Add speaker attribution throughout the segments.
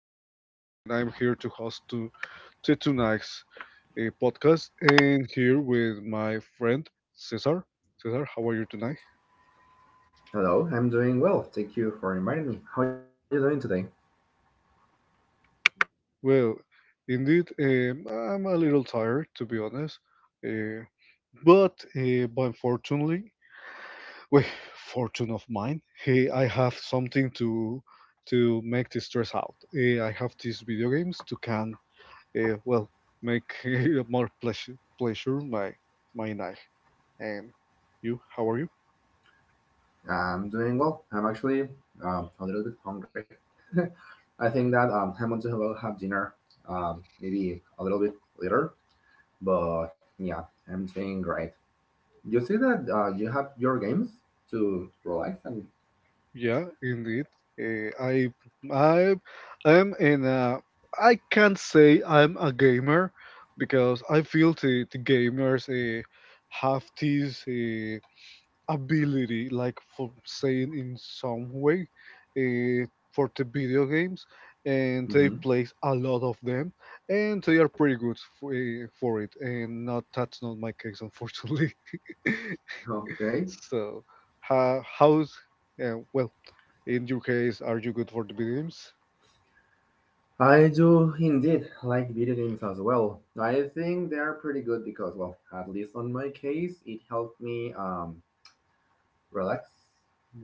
Speaker 1: Antonio, and I'm here to host to tonight's podcast. And here with my friend Cesar. Cesar, how are you tonight?
Speaker 2: Hello, I'm doing well. Thank you for inviting me. How are you doing today?
Speaker 1: Well, indeed, I'm a little tired, to be honest, uh, but unfortunately, with fortune of mine, I have something to make the stress out. I have these video games to can, well, make more pleasure, my night. And you, how are you?
Speaker 2: I'm doing well. I'm actually a little bit hungry. I think that I'm going to have, have dinner um, maybe a little bit later, but yeah, I'm doing great. You say that you have your games to relax and.
Speaker 1: Yeah, indeed. Uh, I I am in a. I can't say I'm a gamer because I feel the gamers have this. Ability, like for saying in some way, uh, for the video games, and they
Speaker 2: Mhm.
Speaker 1: play a lot of them, and they are pretty good for it. And not that's not my case, unfortunately.
Speaker 2: Okay.
Speaker 1: So, how's well in your case? Are you good for the video games?
Speaker 2: I do indeed like video games as well. I think they're pretty good because, well, at least on my case, it helped me. Relax.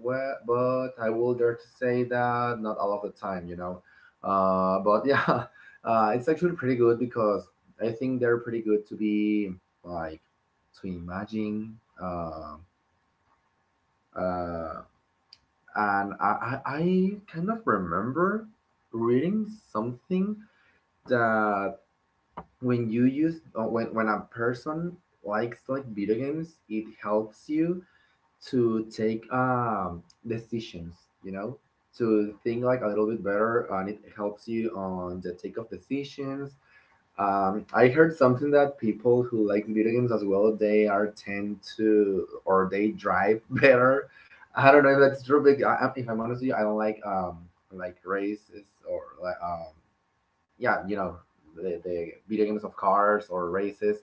Speaker 2: Well, but I will dare to say that not all of the time, you know. But yeah, it's actually pretty good because I think they're pretty good to be like to imagine. Uh, uh, I kind of remember reading something that when you use when a person likes like video games, it helps you to take decisions, you know, to think like a little bit better, and it helps you on the take of decisions. I heard something that people who like video games as well, they are tend to or they drive better. I don't know if that's true, but if I'm honest with you, I don't like races or like yeah, you know, the video games of cars or races.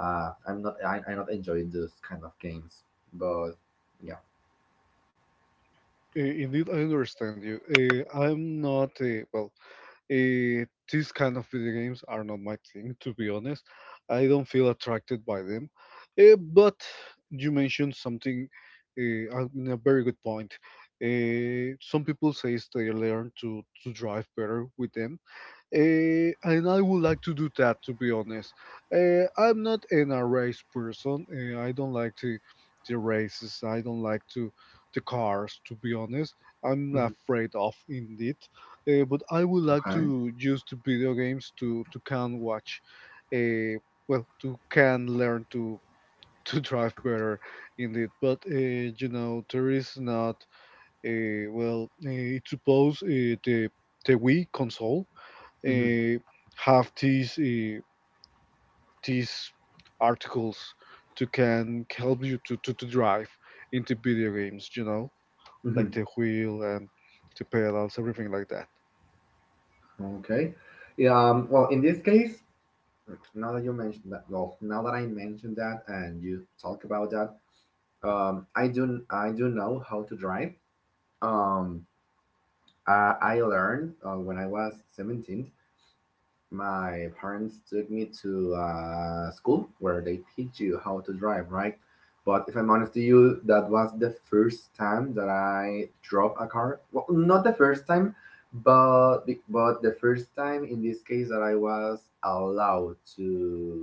Speaker 2: I'm not I not enjoying those kind of games, but
Speaker 1: Indeed, I understand you. I'm not. Well, Eh, these kind of video games are not my thing, to be honest. I don't feel attracted by them. But you mentioned something in a very good point. Some people say they learn to drive better with them. And I would like to do that, to be honest. I'm not an a race person. I don't like to the races. I don't like to the cars, to be honest. I'm
Speaker 2: Mhm.
Speaker 1: afraid of indeed. But I would like
Speaker 2: Okay.
Speaker 1: to use the video games to can watch. eh, well, to can learn to to drive better, indeed. But there is not a well. It's suppose, the Wii console
Speaker 2: Mhm.
Speaker 1: uh, have these, these articles to can help you to drive into video games, like
Speaker 2: Mhm.
Speaker 1: the wheel and the pedals, everything like that.
Speaker 2: Okay. Yeah, well, in this case, now that you mentioned that, well, now that I mentioned that and you talk about that, I do know how to drive. Um, I learned when I was 17. My parents took me to a school where they teach you how to drive, right? But if I'm honest to you, that was the first time that I drove a car. Well, not the first time, but the first time in this case that I was allowed to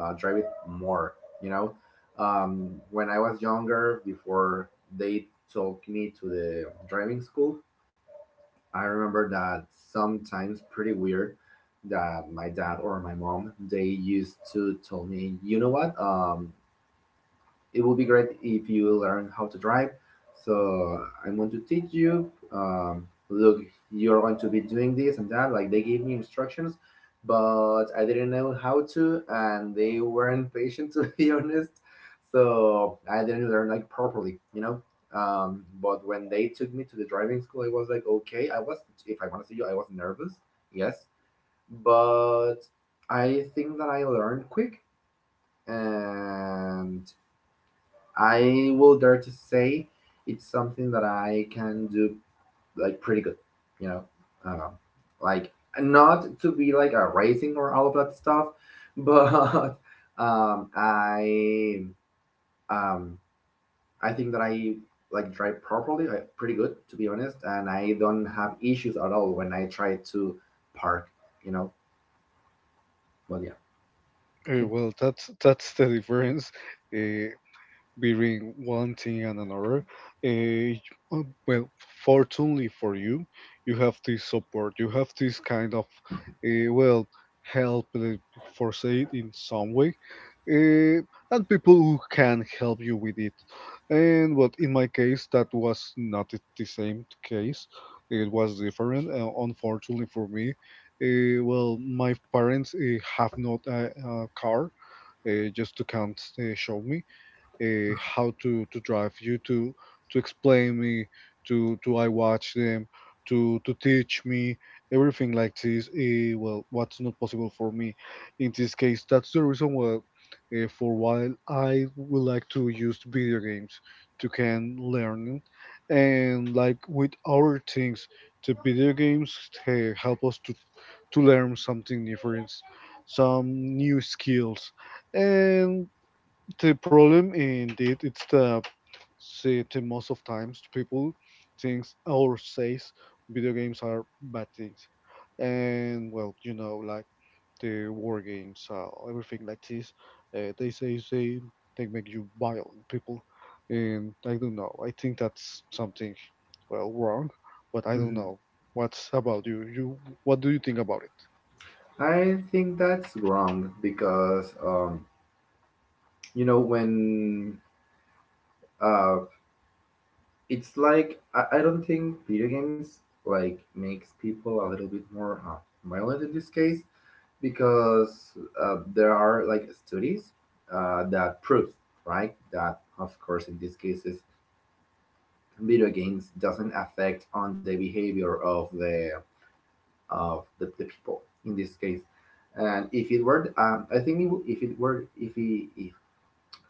Speaker 2: drive it more. You know, when I was younger, before they took me to the driving school, I remember that sometimes pretty weird that my dad or my mom they used to tell me, you know what? It will be great if you learn how to drive. So I'm going to teach you. Um, Look, you're going to be doing this and that. Like they gave me instructions, but I didn't know how to, and they weren't patient to be honest. So I didn't learn like properly, you know. But when they took me to the driving school, I was like, okay. I was, if I want to see you, I was nervous, yes, but I think that I learned quick and I will dare to say it's something that I can do like pretty good, you know, um, like not to be like a racing or all of that stuff, but um, I um, I think that I like drive properly, like pretty good to be honest, and I don't have issues at all when I try to park, you know. But yeah,
Speaker 1: Well, that's the difference uh, between one thing and another. eh, uh, well, fortunately for you, you have this support. You have this kind of, well, help for say it in some way, uh, and people who can help you with it. And but in my case, that was not the same case. It was different. Unfortunately for me, well, my parents have not a car. Just to can't show me, how to drive you, to explain me, to I watch them, to teach me everything like this. Well, what's not possible for me in this case, that's the reason why for a while I would like to use video games to can learn. And like with other things, the video games help us to learn something different, some new skills. And the problem indeed it's the see the most of times people thinks or says video games are bad things. And well, like the war games, everything like this. They say they make you violent people, and I don't know. I think that's something well wrong, but I don't
Speaker 2: Mhm.
Speaker 1: know. What's about you? What do you think about it?
Speaker 2: I think that's wrong because you know when uh, it's like I don't think video games like makes people a little bit more violent in this case because there are like studies that prove right that of course in these cases video games doesn't affect on the behavior of the the people in this case and if it were I think it would- if it were if it if,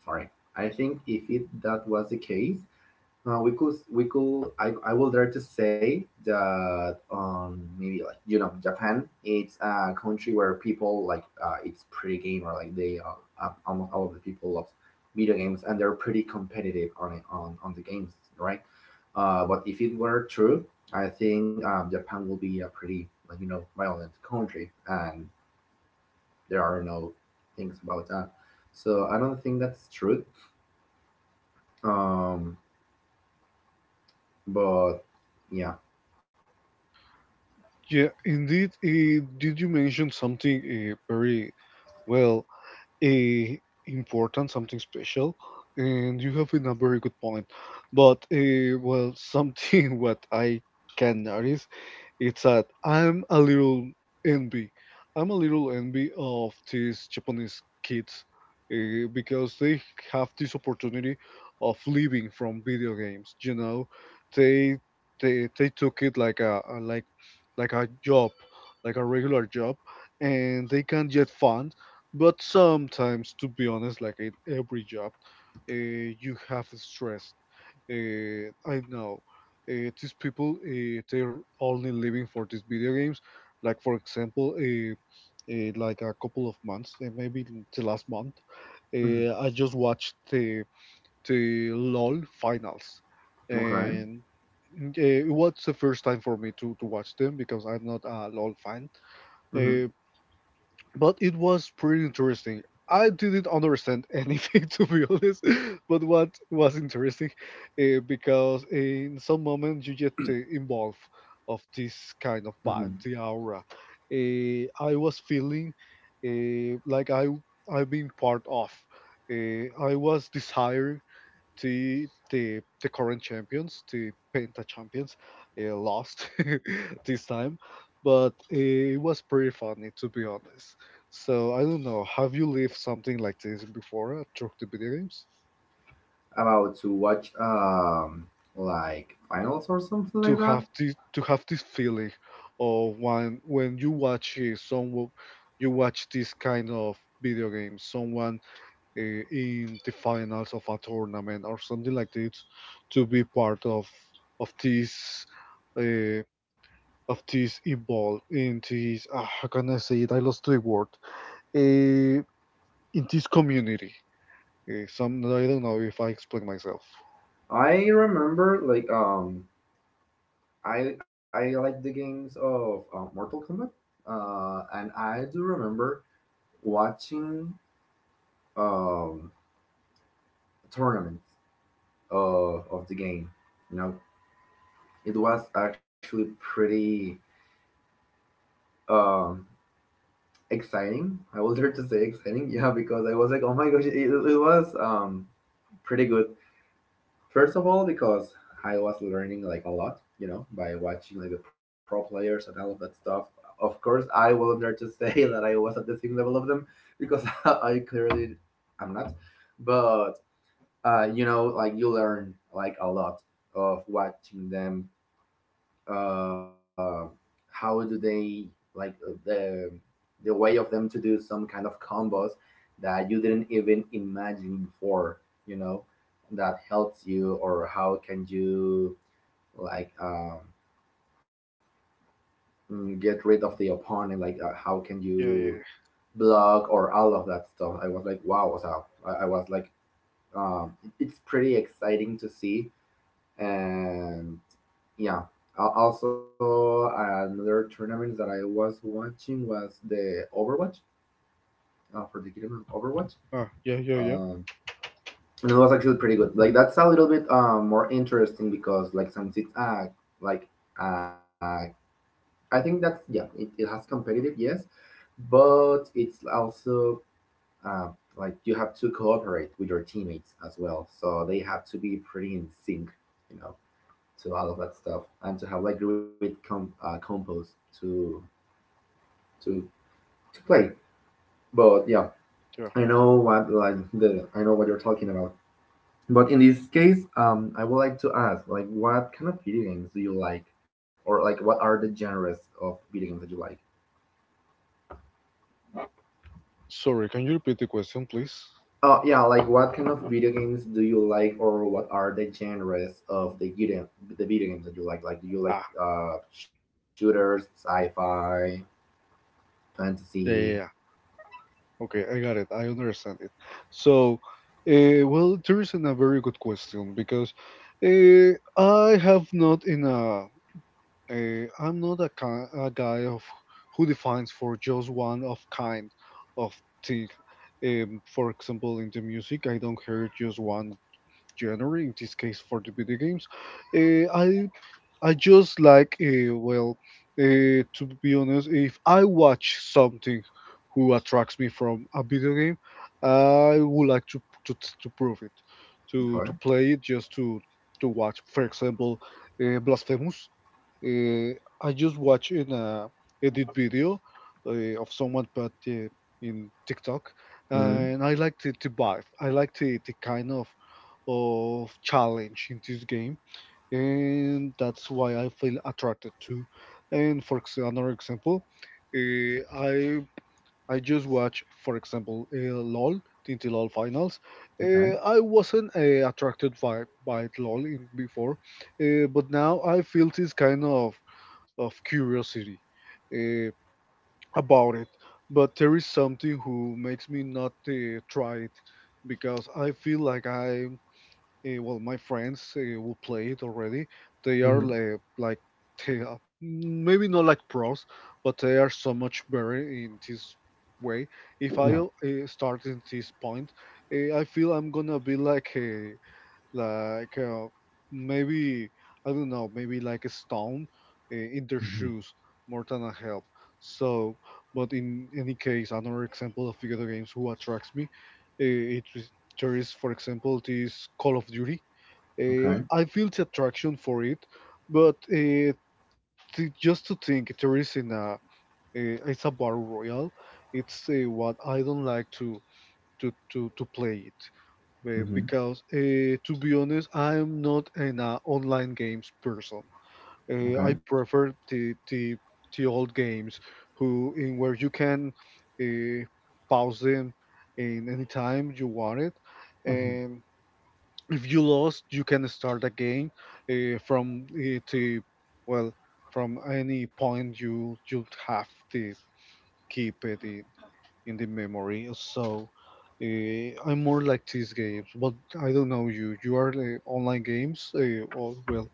Speaker 2: sorry I think if it that was the case we could I will dare to say that maybe like you know Japan it's a country where people like it's pretty gamer like they almost all of the people love video games and they're pretty competitive on it on the games right but if it were true I think Japan will be a pretty like you know violent country and there are no things about that so I don't think that's true um but yeah.
Speaker 1: Yeah, indeed. Did you mention something very well? uh, Important, something special, and you have been a very good point. But well, something what I can notice it's that I'm a little envy. I'm a little envy of these Japanese kids because they have this opportunity of living from video games. They they took it like a like a job, like a regular job, and they can get fun, but sometimes, to be honest, like in every job, uh, you have stress. I know, these people, they're only living for these video games. Like for example, like a couple of months, maybe the last month,
Speaker 2: Mhm.
Speaker 1: I just watched the LOL finals,
Speaker 2: Okay.
Speaker 1: and it was the first time for me to watch them because I'm not a LOL fan.
Speaker 2: Hmm.
Speaker 1: Uh, but it was pretty interesting. I didn't understand anything, to be honest, but what was interesting, because in some moments you get involved of this kind of vibe,
Speaker 2: Hmm.
Speaker 1: the aura. I was feeling like I've been part of. I was desiring the current champions, the Penta champions, lost this time, but it was pretty funny, to be honest. So I don't know. Have you lived something like this before at Choke the Video Games?
Speaker 2: About to watch like finals or something
Speaker 1: To
Speaker 2: like that.
Speaker 1: have this to have this feeling of when you watch, someone, you watch this kind of video game, someone, uh, in the finals of a tournament or something like this, to be part of this. Uh, of this, involved in this, how can I say it? I lost the word. Uh, in this community, some, I don't know if I explain myself.
Speaker 2: I remember like I like the games of Mortal Kombat. And I do remember watching um tournaments of the game. You know, it was actually pretty um exciting. I was there to say exciting, yeah, because I was like, oh my gosh, it was pretty good. First of all, because I was learning like a lot, you know, by watching like the pro players and all of that stuff. Of course, I will not dare to say that I was at the same level of them because I clearly am not. But you know, like you learn like a lot of watching them uh, how do they like the way of them to do some kind of combos that you didn't even imagine before you know that helps you or how can you like get rid of the opponent like how can
Speaker 1: Yeah, yeah,
Speaker 2: you
Speaker 1: yeah.
Speaker 2: block or all of that stuff. I was like wow, so I was like um, it's pretty exciting to see and yeah. Also another tournament that I was watching was the Overwatch for the game of Overwatch,
Speaker 1: Ah, yeah, yeah, yeah,
Speaker 2: um, and it was actually pretty good. Like that's a little bit more interesting because like since it's like uh, I think that's yeah it has competitive yes but it's also uh, like you have to cooperate with your teammates as well so they have to be pretty in sync, you know, to all of that stuff and to have like great compose to to to play. But yeah,
Speaker 1: yeah.
Speaker 2: I know what like the I know what you're talking about. But in this case, I would like to ask like what kind of video games do you like, or like what are the genres of video games that you like?
Speaker 1: Sorry, can you repeat the question, please?
Speaker 2: Oh yeah, like what kind of video games do you like, or what are the genres of the video games that you like? Like, do you like
Speaker 1: Ah,
Speaker 2: shooters, sci-fi,
Speaker 1: yeah,
Speaker 2: fantasy?
Speaker 1: yeah, yeah. Okay, I got it. I understand it. So, well, there isn't a very good question because uh, I have not in a. I'm not a guy of who defines for just one of kind of thing. For example, in the music, I don't hear just one genre. In this case, for the video games, uh, I I just like, well, to be honest, if I watch something who attracts me from a video game, I would like to prove it, to
Speaker 2: Okay.
Speaker 1: to play it, just to watch. For example, Blasphemous. Uh, I just watched an a edit video of someone put in TikTok,
Speaker 2: Mm-hmm.
Speaker 1: and I like the vibe. I like the kind of challenge in this game, and that's why I feel attracted to. And another example, uh, I I just watched, for example, LOL, TNT LOL finals.
Speaker 2: Okay.
Speaker 1: I wasn't attracted by LOL in before, but now I feel this kind of curiosity uh, about it. But there is something who makes me not try it, because I feel like I, well, my friends who play it already, they are
Speaker 2: Mm-hmm.
Speaker 1: like, they are, maybe not like pros, but they are so much better in this way. If I start in this point, I feel I'm gonna be like maybe, I don't know, maybe like a stone in
Speaker 2: Mhm.
Speaker 1: their shoes, more than a help. So, but in any case, another example of video games who attracts me, it is there is for example this Call of Duty.
Speaker 2: Okay.
Speaker 1: I feel the attraction for it, but to, just to think there is in a, it's a battle royale. It's what I don't like to play it,
Speaker 2: Mhm.
Speaker 1: because to be honest, I am not an online games person.
Speaker 2: Okay.
Speaker 1: I prefer the old games, who in where you can uh, pause them in any time you want it,
Speaker 2: Mhm.
Speaker 1: and if you lost, you can start again from the, well, from any point you have to keep it in the memory. So I'm more like these games, but I don't know you. You are online games or well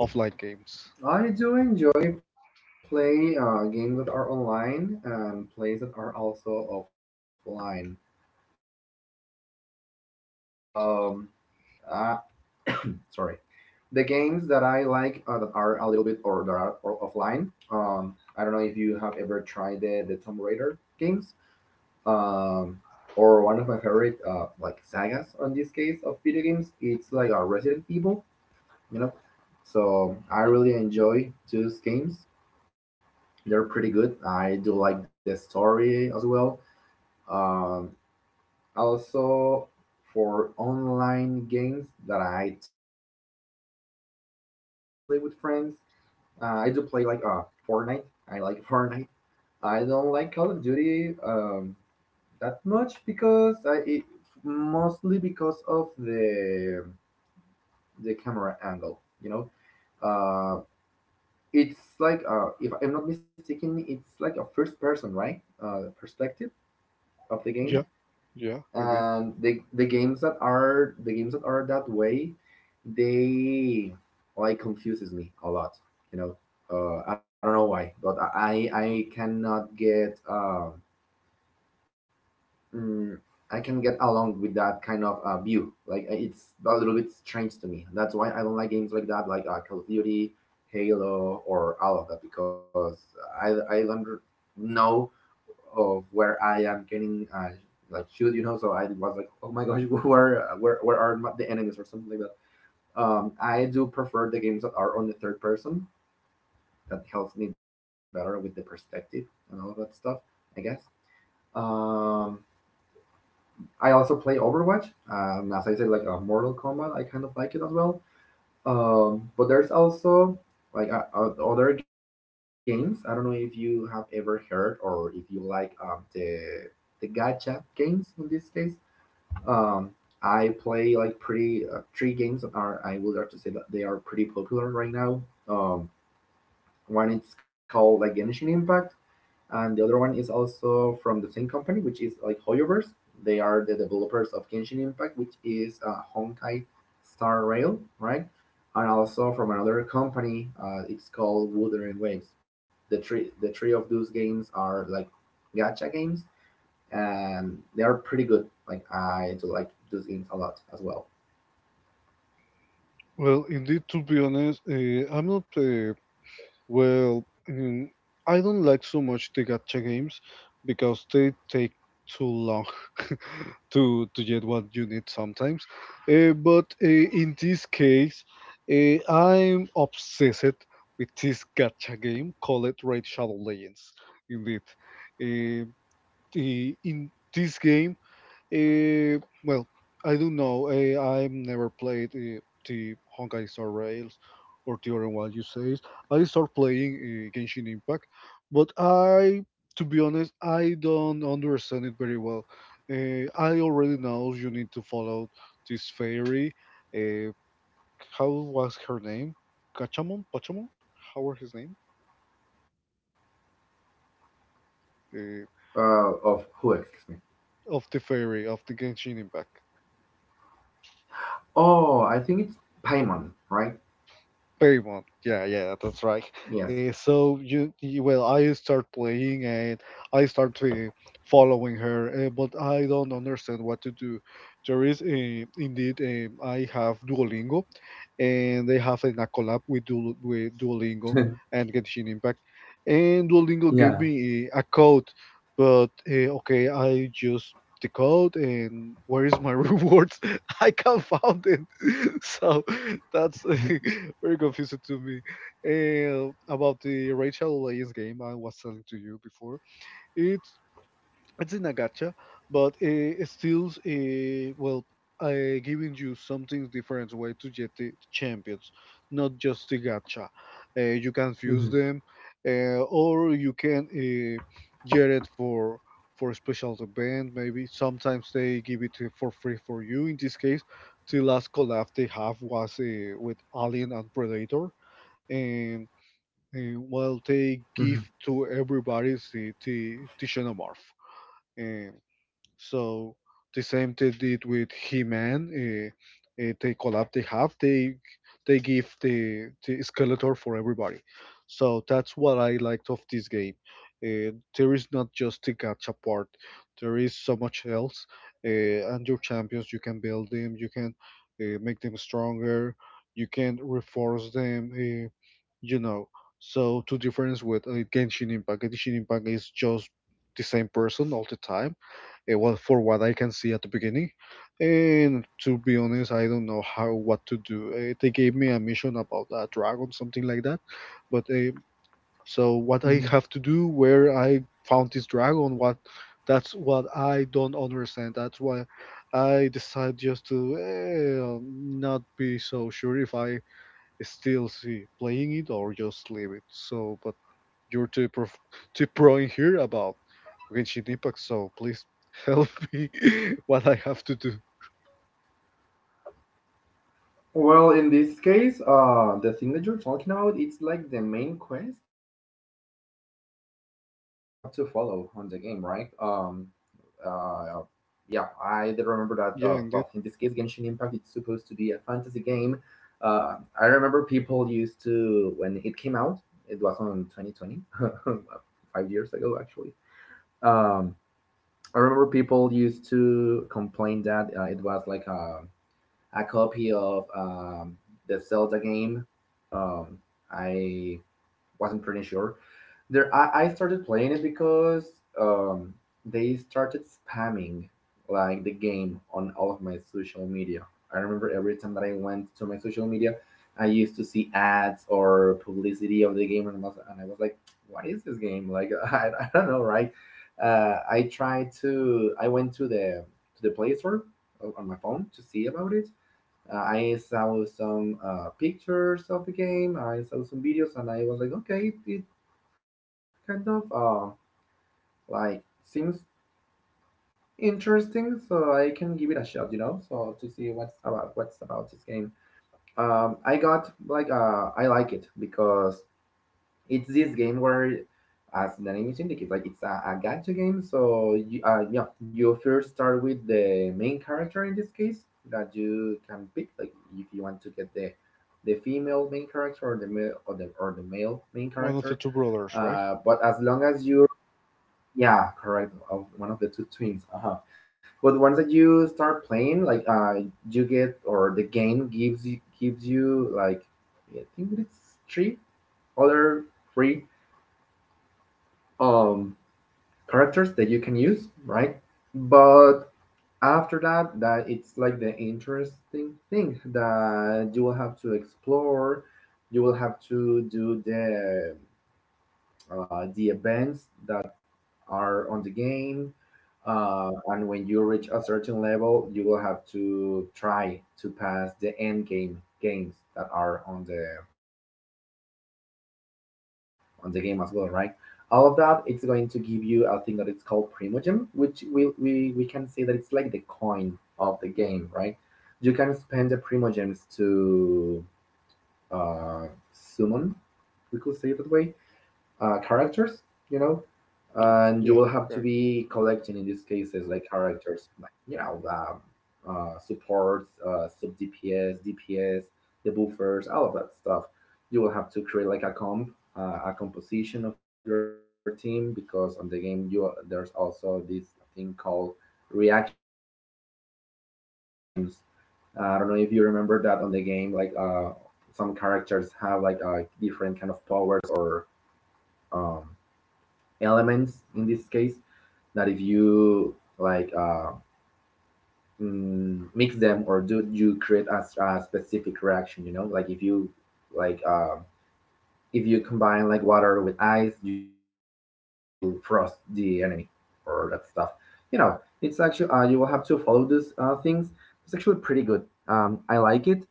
Speaker 1: offline games?
Speaker 2: I do enjoy playing games that are online and plays that are also offline. Um, uh, sorry. The games that I like that are a little bit or that are or offline. Um, I don't know if you have ever tried the Tomb Raider games. Um, or one of my favorite like sagas on this case of video games. It's like a Resident Evil. You know, so I really enjoy those games. They're pretty good. I do like the story as well. Um, Also, for online games that I tend to play with friends, I do play like Fortnite. I like Fortnite. I don't like Call of Duty that much because mostly because of the camera angle. You know, uh, it's like if I'm not mistaken, it's like a first person, right? Perspective of the game,
Speaker 1: Yeah, yeah, indeed.
Speaker 2: and the games that are that way, they like confuses me a lot. You know, I don't know why, but I cannot get mm, I can get along with that kind of view. Like it's a little bit strange to me. That's why I don't like games like that, like Call of Duty, Halo, or all of that, because I don't know of where I am getting like shoot, you know. So I was like, oh my gosh, where are the enemies or something like that. I do prefer the games that are on the third person. That helps me better with the perspective and all of that stuff. I guess. Um, I also play Overwatch. As I said, like Mortal Kombat, I kind of like it as well. But there's also like other games. I don't know if you have ever heard or if you like the the gacha games in this case. Um, I play like pretty three games that are I would like to say that they are pretty popular right now. Um, One it's called like Genshin Impact, and the other one is also from the same company, which is like Hoyoverse. They are the developers of Genshin Impact, which is Honkai Star Rail, right? And also from another company, it's called Wooder Waves. The three of those games are like gacha games, and they are pretty good. Like I do like those games a lot as well.
Speaker 1: Well, indeed. To be honest, I'm not. Well, mm, I don't like so much the gacha games because they take too long to get what you need sometimes. But in this case, I'm obsessed with this gacha game called Raid Shadow Legends. Indeed, uh, the, in this game. Well, I do know. I've never played the Honkai Star Rails or the other one you say. I start playing, Genshin Impact, but I, to be honest, I don't understand it very well. I already know you need to follow this fairy. Uh, how was her name? Kachamon? Pachamon? How was his name? Uh,
Speaker 2: Of who? Excuse me.
Speaker 1: of the fairy of the Genshin Impact.
Speaker 2: Oh, I think it's Paimon, right?
Speaker 1: Very much. Yeah, yeah, that's right.
Speaker 2: Yes.
Speaker 1: So you, well, I start playing and I start following her, but I don't understand what to do. There is, indeed, I have Duolingo, and they have an a collab with Duolingo and Genshin Impact, and Duolingo gave me a code, but okay, I just the code, and where is my rewards? I can't find it. So that's very confusing to me. And about the Rachel Legends game I was telling to you before. It's it's in a gacha, but it's still, well, giving you something different way to get the champions, not just the gacha. You can fuse
Speaker 2: hmm
Speaker 1: them, or you can get it for a special event. Maybe sometimes they give it for free for you. In this case, the last collab they have was with Alien and Predator, and well, they give to everybody the Xenomorph. So the same they did with He-Man. They collab. They give the Skeletor for everybody. So that's what I liked of this game. There is not just the gacha part. There is so much else. And your champions, you can build them. You can make them stronger. You can reinforce them. You know. So to difference with Genshin Impact, Genshin Impact is just the same person all the time, well, for what I can see at the beginning. And to be honest, I don't know how what to do. They gave me a mission about a dragon, something like that. But so what I
Speaker 2: hmm
Speaker 1: have to do, where I found this dragon, what, that's what I don't understand. That's why I decide just to not be so sure if I still see playing it or just leave it. So, but you're too pro in here about Genshin Impact, so please help me what I have to do.
Speaker 2: Well, in this case, the thing that you're talking about, it's like the main quest that you have to follow on the game, right? Uh, yeah, I did remember that. Well, in this case, Genshin Impact,
Speaker 1: Yeah,
Speaker 2: it's
Speaker 1: indeed.
Speaker 2: supposed to be a fantasy game. Uh, I remember people used to when it came out. It was on 2020, 5 years ago, actually. Um, I remember people used to complain that it was like a copy of the Zelda game. Um, I wasn't pretty sure. I started playing it because um, they started spamming like the game on all of my social media. I remember every time that I went to my social media, I used to see ads or publicity of the game, and I was like, "What is this game?" Like, I don't know, right? I tried to. I went to the Play Store on my phone to see about it. I saw some pictures of the game. I saw some videos, and I was like, okay, it kind of like seems interesting, so I can give it a shot, you know, so to see what's about this game. I got like I like it because it's this game where, as the name indicates, like it's a gacha game. So you, you first start with the main character in this case that you can pick, like if you want to get the female main character or the male main
Speaker 1: One of the
Speaker 2: character.
Speaker 1: two brothers, right?
Speaker 2: But as long as you, yeah, correct, one of the two twins. Uh huh. But once that you start playing, like you get or the game gives you like I think it's three other free um characters that you can use, right? But after that, that it's like the interesting thing that you will have to explore. You will have to do the events that are on the game, and when you reach a certain level, you will have to try to pass the end game games that are on the game as well, right? All of that, it's going to give you a thing that it's called Primogem, which we can say that it's like the coin of the game, right? You can spend the Primogems to uh, summon, we could say it that way, characters, you know,
Speaker 1: Yeah.
Speaker 2: and
Speaker 1: Yeah,
Speaker 2: you will have to
Speaker 1: right.
Speaker 2: be collecting in these cases like characters, like you know, supports, sub DPS, DPS, the buffers, all of that stuff. You will have to create like a comp, a composition of your team because on the game you there's also this thing called reactions. I don't know if you remember that on the game, like some characters have like different kind of powers or um, elements in this case that if you like uh, mix them or do you create a specific reaction, you know, like if you like uh, if you combine like water with ice you will frost the enemy or that stuff, you know, it's actually you will have to follow those things. It's actually pretty good. I like it.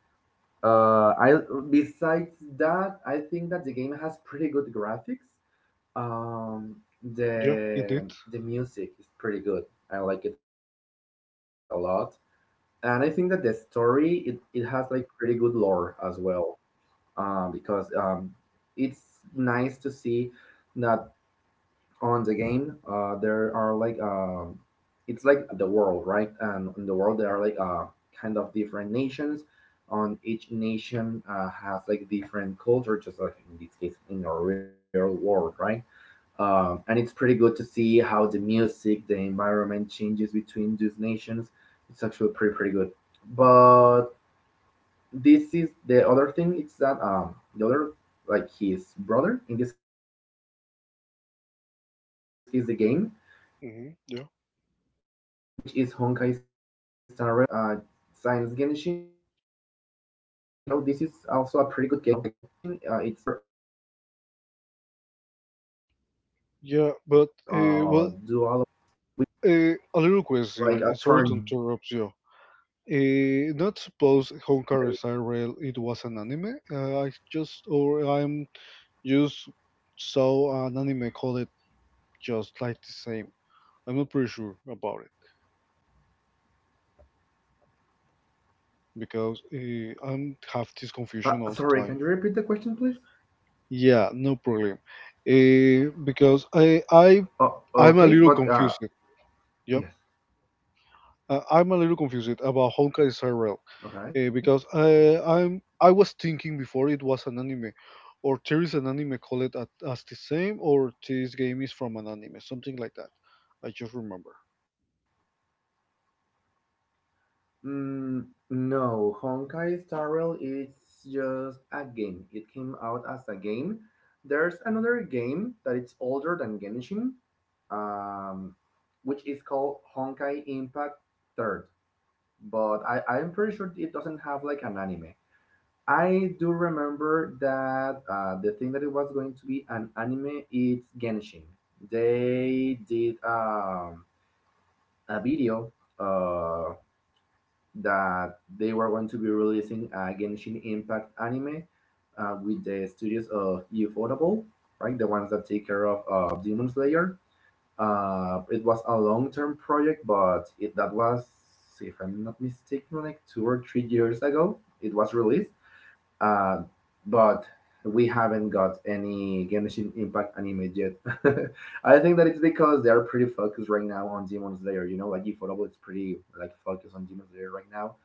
Speaker 2: Uh, I besides that, I think that the game has pretty good graphics. um
Speaker 1: Yeah, indeed.
Speaker 2: the music is pretty good, I like it a lot, and I think that the story it has like pretty good lore as well, because it's nice to see that on the game there are like it's like the world, right, and in the world there are like kind of different nations. On each nation has like different culture, just like in this case in the real world, right? And it's pretty good to see how the music, the environment changes between these nations. It's actually pretty pretty good. But this is the other thing. It's that the other like his brother in this case the game, which is Honkai Star Rail. This is also a pretty good
Speaker 1: Hmm,
Speaker 2: game,
Speaker 1: yeah.
Speaker 2: but it's a little bit different. You know, uh, Science Genshin. It's like more focused on like explore, do all of that stuff.
Speaker 1: Yeah,
Speaker 2: On
Speaker 1: but
Speaker 2: Honkai
Speaker 1: well,
Speaker 2: it's
Speaker 1: a little question. Sorry to
Speaker 2: like a
Speaker 1: interrupt
Speaker 2: turn
Speaker 1: you.
Speaker 2: based.
Speaker 1: Not suppose Honkai Star Rail it was an anime. I just or I'm just saw an anime called it just like the same. I'm not pretty sure about it because I'm have this confusion all the
Speaker 2: Sorry,
Speaker 1: time.
Speaker 2: can you repeat the question please?
Speaker 1: Yeah, no problem. Because I I
Speaker 2: Oh
Speaker 1: I'm a little
Speaker 2: okay
Speaker 1: confused.
Speaker 2: but
Speaker 1: Yeah,
Speaker 2: yes
Speaker 1: I'm a little confused about Honkai Star Rail, because
Speaker 2: Okay.
Speaker 1: I was thinking before it was an anime, or there is an anime called at, as the same, or this game is from an anime, something like that. I just remember.
Speaker 2: mm, no, Honkai Star Rail is just a game, it came out as a game. There's another game that it's older than Genshin, um which is called Honkai Impact 3, but I'm pretty sure it doesn't have like an anime. I do remember that the thing that it was going to be an anime, it's Genshin. They did a video uh, that they were going to be releasing a Genshin Impact anime with the studios of Ufotable, right? The ones that take care of Demon Slayer. It was a long-term project, but it that was, if I'm not mistaken, like 2 or 3 years ago. It was released, uh, but we haven't got any Genshin Impact anime yet. I think that it's because they are pretty focused right now on Demon Slayer. You know, like Iforable is pretty like focused on Demon Slayer right now,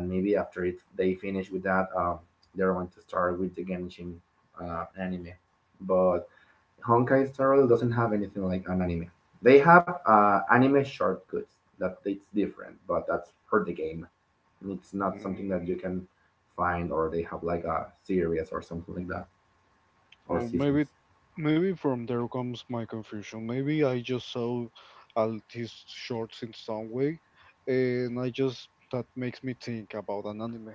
Speaker 2: and maybe after it they finish with that, they're going to start with the Genshin anime. But Honkai Star Rail doesn't have anything like an anime. They have anime short goods that it's different, but that's for the game. It's not something
Speaker 1: Mm.
Speaker 2: that you can find, or they have like a series or something like that,
Speaker 1: Oh,
Speaker 2: or
Speaker 1: maybe,
Speaker 2: seasons.
Speaker 1: maybe from there comes my confusion. Maybe I just saw all these shorts in some way, and I just that makes me think about an anime.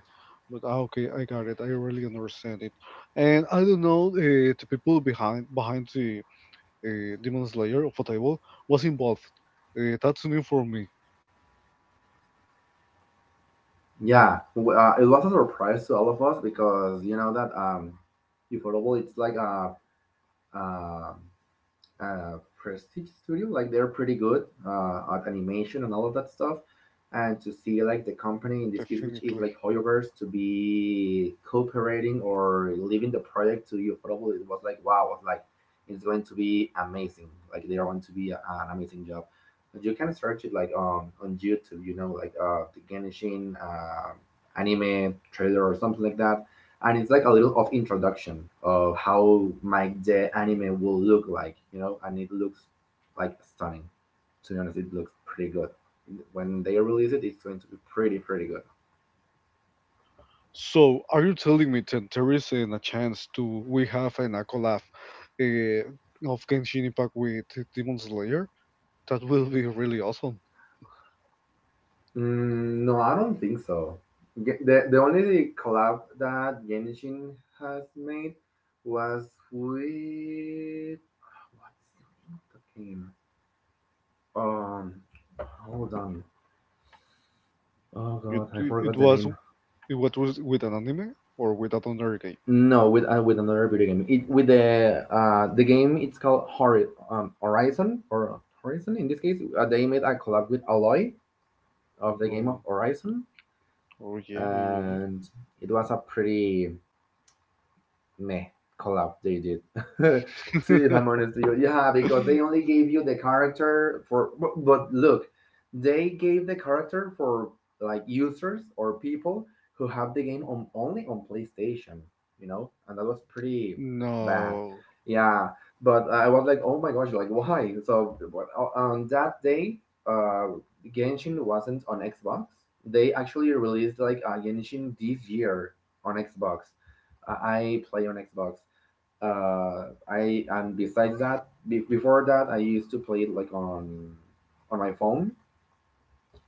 Speaker 1: But okay, I got it. I really understand it, and I don't know the people behind the Demon Slayer of a table was involved. That's new for me,
Speaker 2: Yeah, it was a surprise to all of us because you know that Ufotable it's like a prestige studio, like they're pretty good at animation and all of that stuff, and to see like the company in this case which is
Speaker 1: definitely.
Speaker 2: like Hoyoverse to be cooperating or leaving the project to you probably, it was like wow, was like it's going to be amazing, like they're going to be an amazing job. But you can search it like on YouTube, you know, like the Genshin anime trailer or something like that, and it's like a little of introduction of how my the anime will look like, you know, and it looks like stunning, to be honest. It looks pretty good. When they release it it's going to be pretty pretty good.
Speaker 1: So are you telling me that there isn't a chance to we have an a collab uh, of Genshin Impact with Demon Slayer? That will be really awesome.
Speaker 2: No, I don't think so. The only collab that Genshin has made was with what's the name of the game? um hold on. Oh
Speaker 1: It
Speaker 2: god, I
Speaker 1: it
Speaker 2: forgot the
Speaker 1: was
Speaker 2: name.
Speaker 1: it what was with an anime or with another game?
Speaker 2: No, with another video game. It with the game it's called Horizon, or Horizon in this case. They made a collab with Alloy of the game of
Speaker 1: Oh,
Speaker 2: Horizon,
Speaker 1: oh, yeah, yeah, yeah, yeah.
Speaker 2: and it was a pretty meh collapse they did. to if I'm honest with you, yeah, because they only gave you the character for. But look, they gave the character for like users or people who have the game on only on PlayStation, you know, and that was pretty bad.
Speaker 1: No,
Speaker 2: Yeah, but I was like, oh my gosh, like why? So on that day, uh, Genshin wasn't on Xbox. They actually released like a Genshin this year on Xbox. I play on Xbox. I and besides that, before that, I used to play it like on my phone.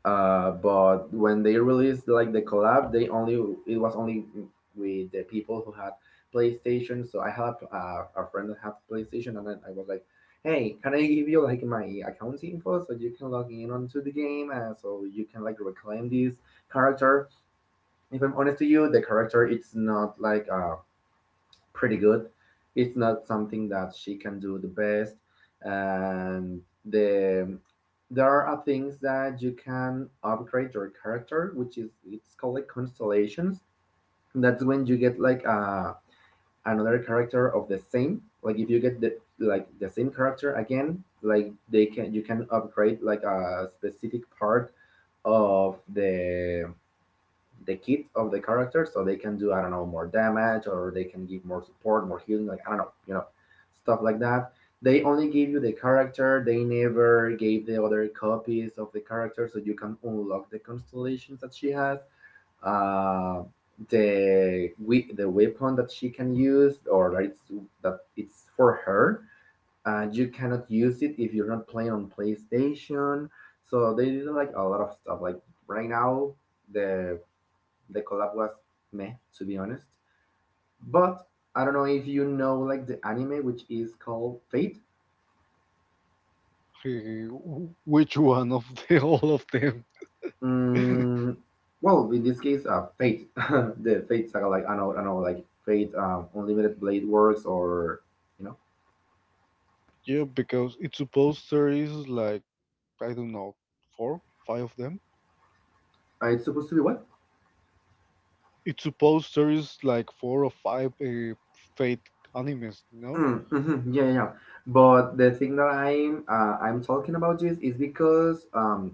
Speaker 2: But when they released like the collab, they only it was only with the people who had PlayStation. So I had a friend that had PlayStation, and then I was like, "Hey, can I give you like my account info so you can log in onto the game, so you can like reclaim this character?" If I'm honest to you, the character it's not like pretty good. It's not something that she can do the best, and the there are things that you can upgrade your character, which is it's called like constellations. That's when you get like another character of the same. Like if you get the same character again, like they can you can upgrade like a specific part of the kit of the character so they can do, I don't know, more damage, or they can give more support, more healing, like I don't know, you know, stuff like that. They only give you the character. They never gave the other copies of the character, so you can unlock the constellations that she has. Uh, the weapon that she can use or that it's for her. You cannot use it if you're not playing on PlayStation. So they did like a lot of stuff. Like right now, the the collab was meh, to be honest. But I don't know if you know like the anime which is called Fate.
Speaker 1: which one of the all of them?
Speaker 2: Mm, well, in this case, Fate, the Fate saga, like I know, like Fate, Unlimited Blade Works, or you know,
Speaker 1: Yeah, because it's supposed there is like I don't know four five of them.
Speaker 2: uh, it's supposed to be what?
Speaker 1: It's supposed there is like four or five Fate animes, no?
Speaker 2: Mm, mhm, yeah, yeah, yeah. But the thing that I'm talking about this is because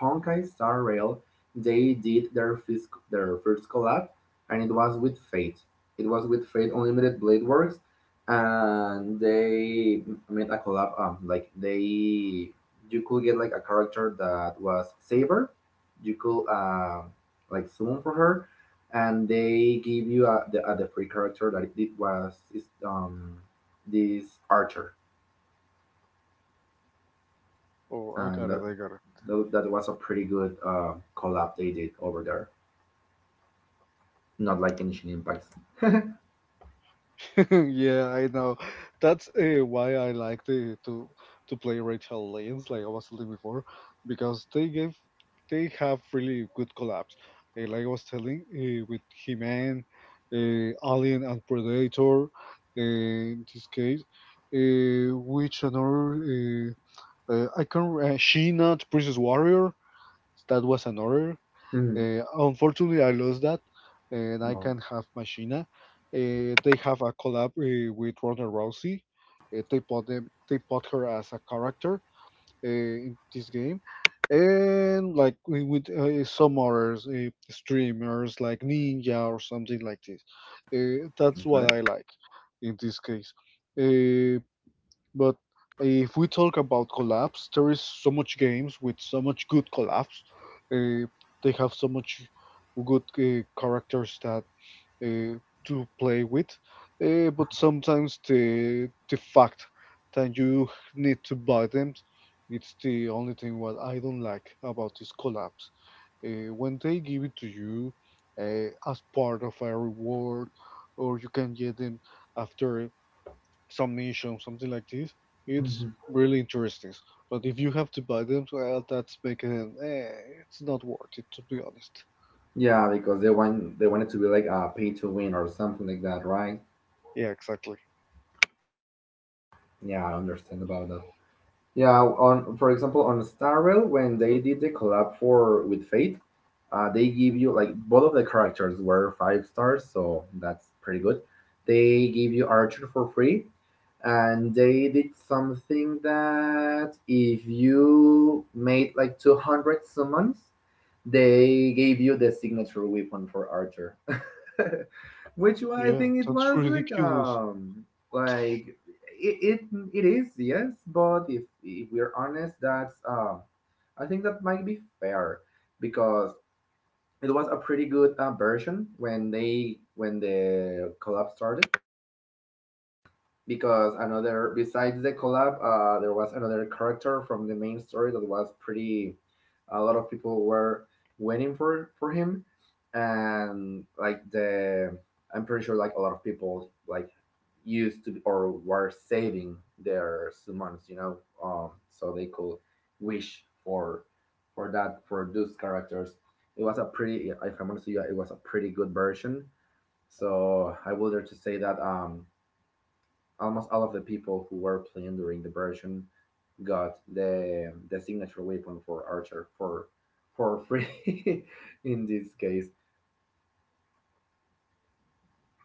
Speaker 2: Honkai Star Rail they did their first collab, and it was with Fate. It was with Fate Unlimited Blade Works, and they made a collab. Like they you could get like a character that was Saber, you could like summon for her, and they give you the free character that it was is this Archer,
Speaker 1: Oh, I
Speaker 2: and
Speaker 1: got it,
Speaker 2: that
Speaker 1: I got
Speaker 2: that, that was a pretty good collab they did over there. Not like Genshin Impacts.
Speaker 1: it. Yeah, I know. That's why I like the, to play Rachel Lanes, like I was telling before, because they have really good collabs. Like I was telling with He-Man, Alien and Predator. In this case, which another I can She-Not, Princess Warrior. That was another.
Speaker 2: Mhm.
Speaker 1: Unfortunately, I lost that, and I
Speaker 2: No.
Speaker 1: can't have Machina. They have a collab with Ronda Rousey. They they put her as a character in this game, and like with some others, streamers like Ninja or something like this. That's what I
Speaker 2: Okay.
Speaker 1: like in this case. Eh, but if we talk about collabs, there is so much games with so much good collabs. Uh, they have so much good characters that uh, to play with. But sometimes the fact that you need to buy them, it's the only thing what I don't like about these collabs. When they give it to you as part of a reward, or you can get them after summation, something like this. It's
Speaker 2: Mm-hmm.
Speaker 1: really interesting. But if you have to buy them, well, that's making it's not worth it to be honest.
Speaker 2: Yeah, because they wanted to be like a pay to win or something like that, right?
Speaker 1: Yeah, exactly.
Speaker 2: Yeah, I understand about that. Yeah, on for example, on Star Rail, when they did the collab for with Fate, they give you like both of the characters were five stars, so that's pretty good. They give you Archer for free, and they did something that if you made like 200 summons, they gave you the signature weapon for Archer, which I
Speaker 1: Yeah,
Speaker 2: think it
Speaker 1: that's
Speaker 2: was like
Speaker 1: ridiculous.
Speaker 2: like it, it it is, yes, but if we're honest, that's I think that might be fair because it was a pretty good version when the collab started because another besides the collab, there was another character from the main story that was pretty. A lot of people were waiting for him, and like the I'm pretty sure like a lot of people like used to be, or were saving their summons, you know, um, so they could wish for those characters. It was a pretty, if I'm honest with you, it was a pretty good version. So I would dare to say that almost all of the people who were playing during the version got the signature weapon for Archer for free in this case.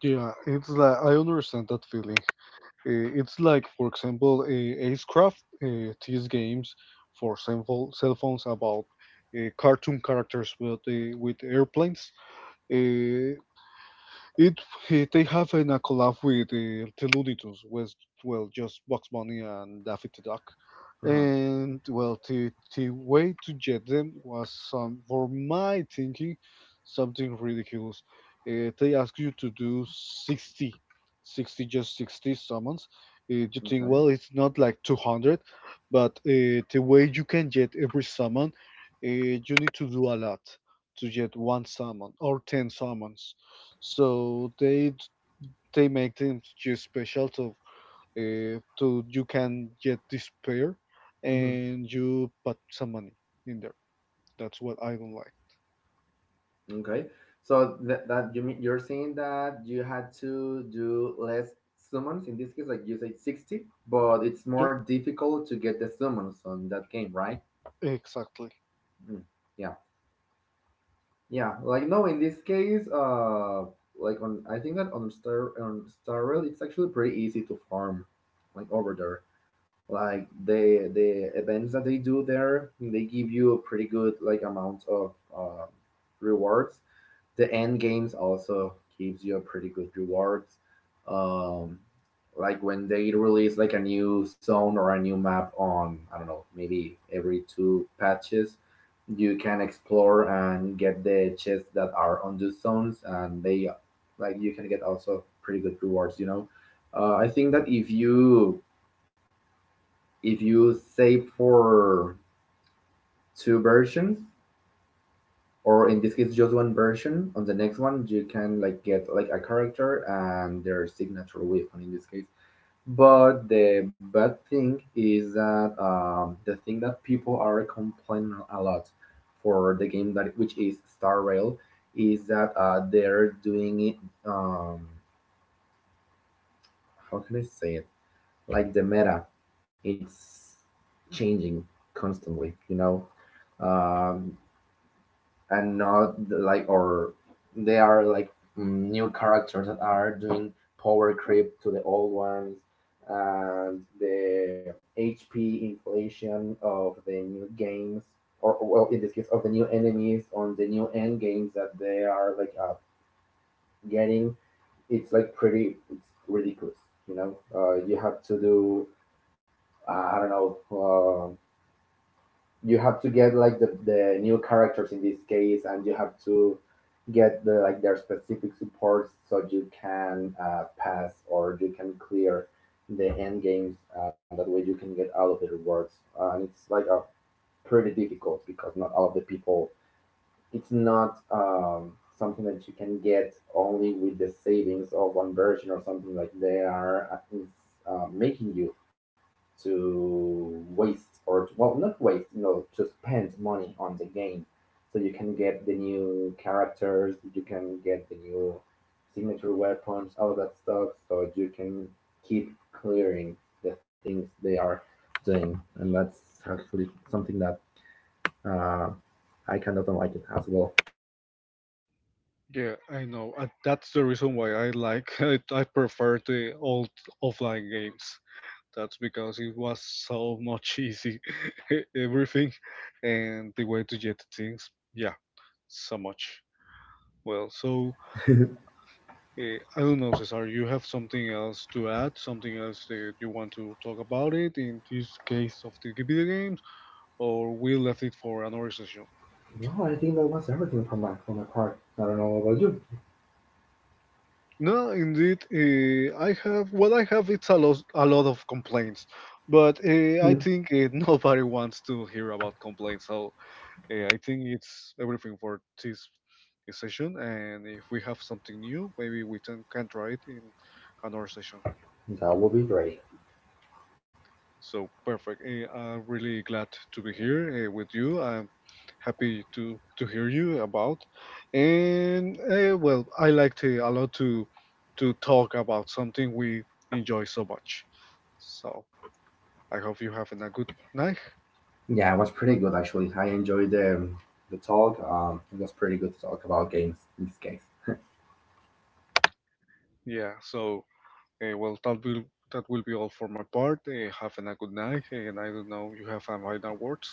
Speaker 1: Yeah, it's like I understand that feeling. It's like, for example, Acecraft, these games for cell phones about cartoon characters with airplanes. Uh, It they have in a collab with the Looney Tunes with, well, just Bugs Bunny and Daffy Duck.
Speaker 2: Uh-huh.
Speaker 1: And well, the way to get them was some, for my thinking, something ridiculous. They ask you to do 60, 60, just 60 summons. You think,
Speaker 2: Okay.
Speaker 1: well, it's not like 200, but the way you can get every summon, uh, you need to do a lot to get one summon or 10 summons. So they make them just special. So so you can get this pair
Speaker 2: Mm-hmm.
Speaker 1: and you put some money in there. That's what I don't like.
Speaker 2: Okay. So that, that you mean you're saying that you had to do less summons in this case, like you said 60, but it's
Speaker 1: Yep,
Speaker 2: more difficult to get the summons on that game, right?
Speaker 1: exactly.
Speaker 2: Mm. Yeah. Yeah, like no, in this case, like on I think that on Star Rail, it's actually pretty easy to farm, like over there. Like the events that they do there, they give you a pretty good like amount of uh, rewards. The end games also gives you a pretty good rewards. Um, like when they release like a new zone or a new map on I don't know maybe every two patches, you can explore and get the chests that are on those zones, and they like you can get also pretty good rewards. You know, I think that if you save for two versions or in this case just one version on the next one you can like get like a character and their signature weapon in this case, but the bad thing is that the thing that people are complaining a lot for the game that which is Star Rail is that they're doing it, how can I say it, like the meta it's changing constantly, you know, um, and not like or they are like new characters that are doing power creep to the old ones and the HP inflation of the new games or well in this case of the new enemies on the new end games that they are like getting, it's like pretty it's ridiculous, you know. You have to do I don't know, you have to get like the new characters in this case and you have to get the like their specific supports so you can pass or you can clear the end games, that way you can get all of the rewards, and it's like a pretty difficult because not all of the people it's not something that you can get only with the savings of one version or something like they are making you to waste or to, well not waste, you know, to spend money on the game so you can get the new characters, you can get the new signature weapons, all of that stuff so you can keep clearing the things they are doing, and that's actually something that uh, I kind of don't like it as well.
Speaker 1: Yeah, I know. That's the reason why I like, I prefer the old offline games. That's because it was so much easy, everything, and the way to get things. Yeah, so much. Well, so, I don't know, Cesar, you have something else to add, something else that you want to talk about it in this case of the video games, or we left it for another session?
Speaker 2: No, I think that was everything from my part. I don't know about you.
Speaker 1: No, indeed, I have what I have. It's a lot of complaints, but I think nobody wants to hear about complaints. So I think it's everything for this session. And if we have something new, maybe we can try it in another session.
Speaker 2: That would be great.
Speaker 1: So perfect. I'm really glad to be here with you. I'm happy to hear you about. And well, I like to a lot to talk about something we enjoy so much. So I hope you having a good night.
Speaker 2: Yeah, it was pretty good actually. I enjoyed the talk. It was pretty good to talk about games in this case.
Speaker 1: Yeah. So well, that will be all for my part. Having a good night. And I don't know you have any final words.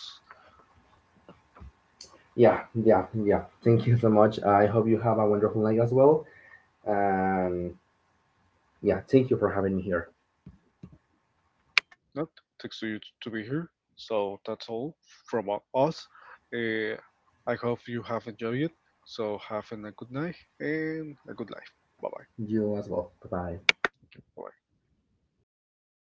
Speaker 2: Yeah, yeah. Thank you so much. I hope you have a wonderful night as well. And yeah, thank you for having me here.
Speaker 1: That takes you to be here. So that's all from us. Uh, I hope you have enjoyed it. So having a good night and a good life. Bye. Bye.
Speaker 2: You as well. Bye bye.
Speaker 1: Bye.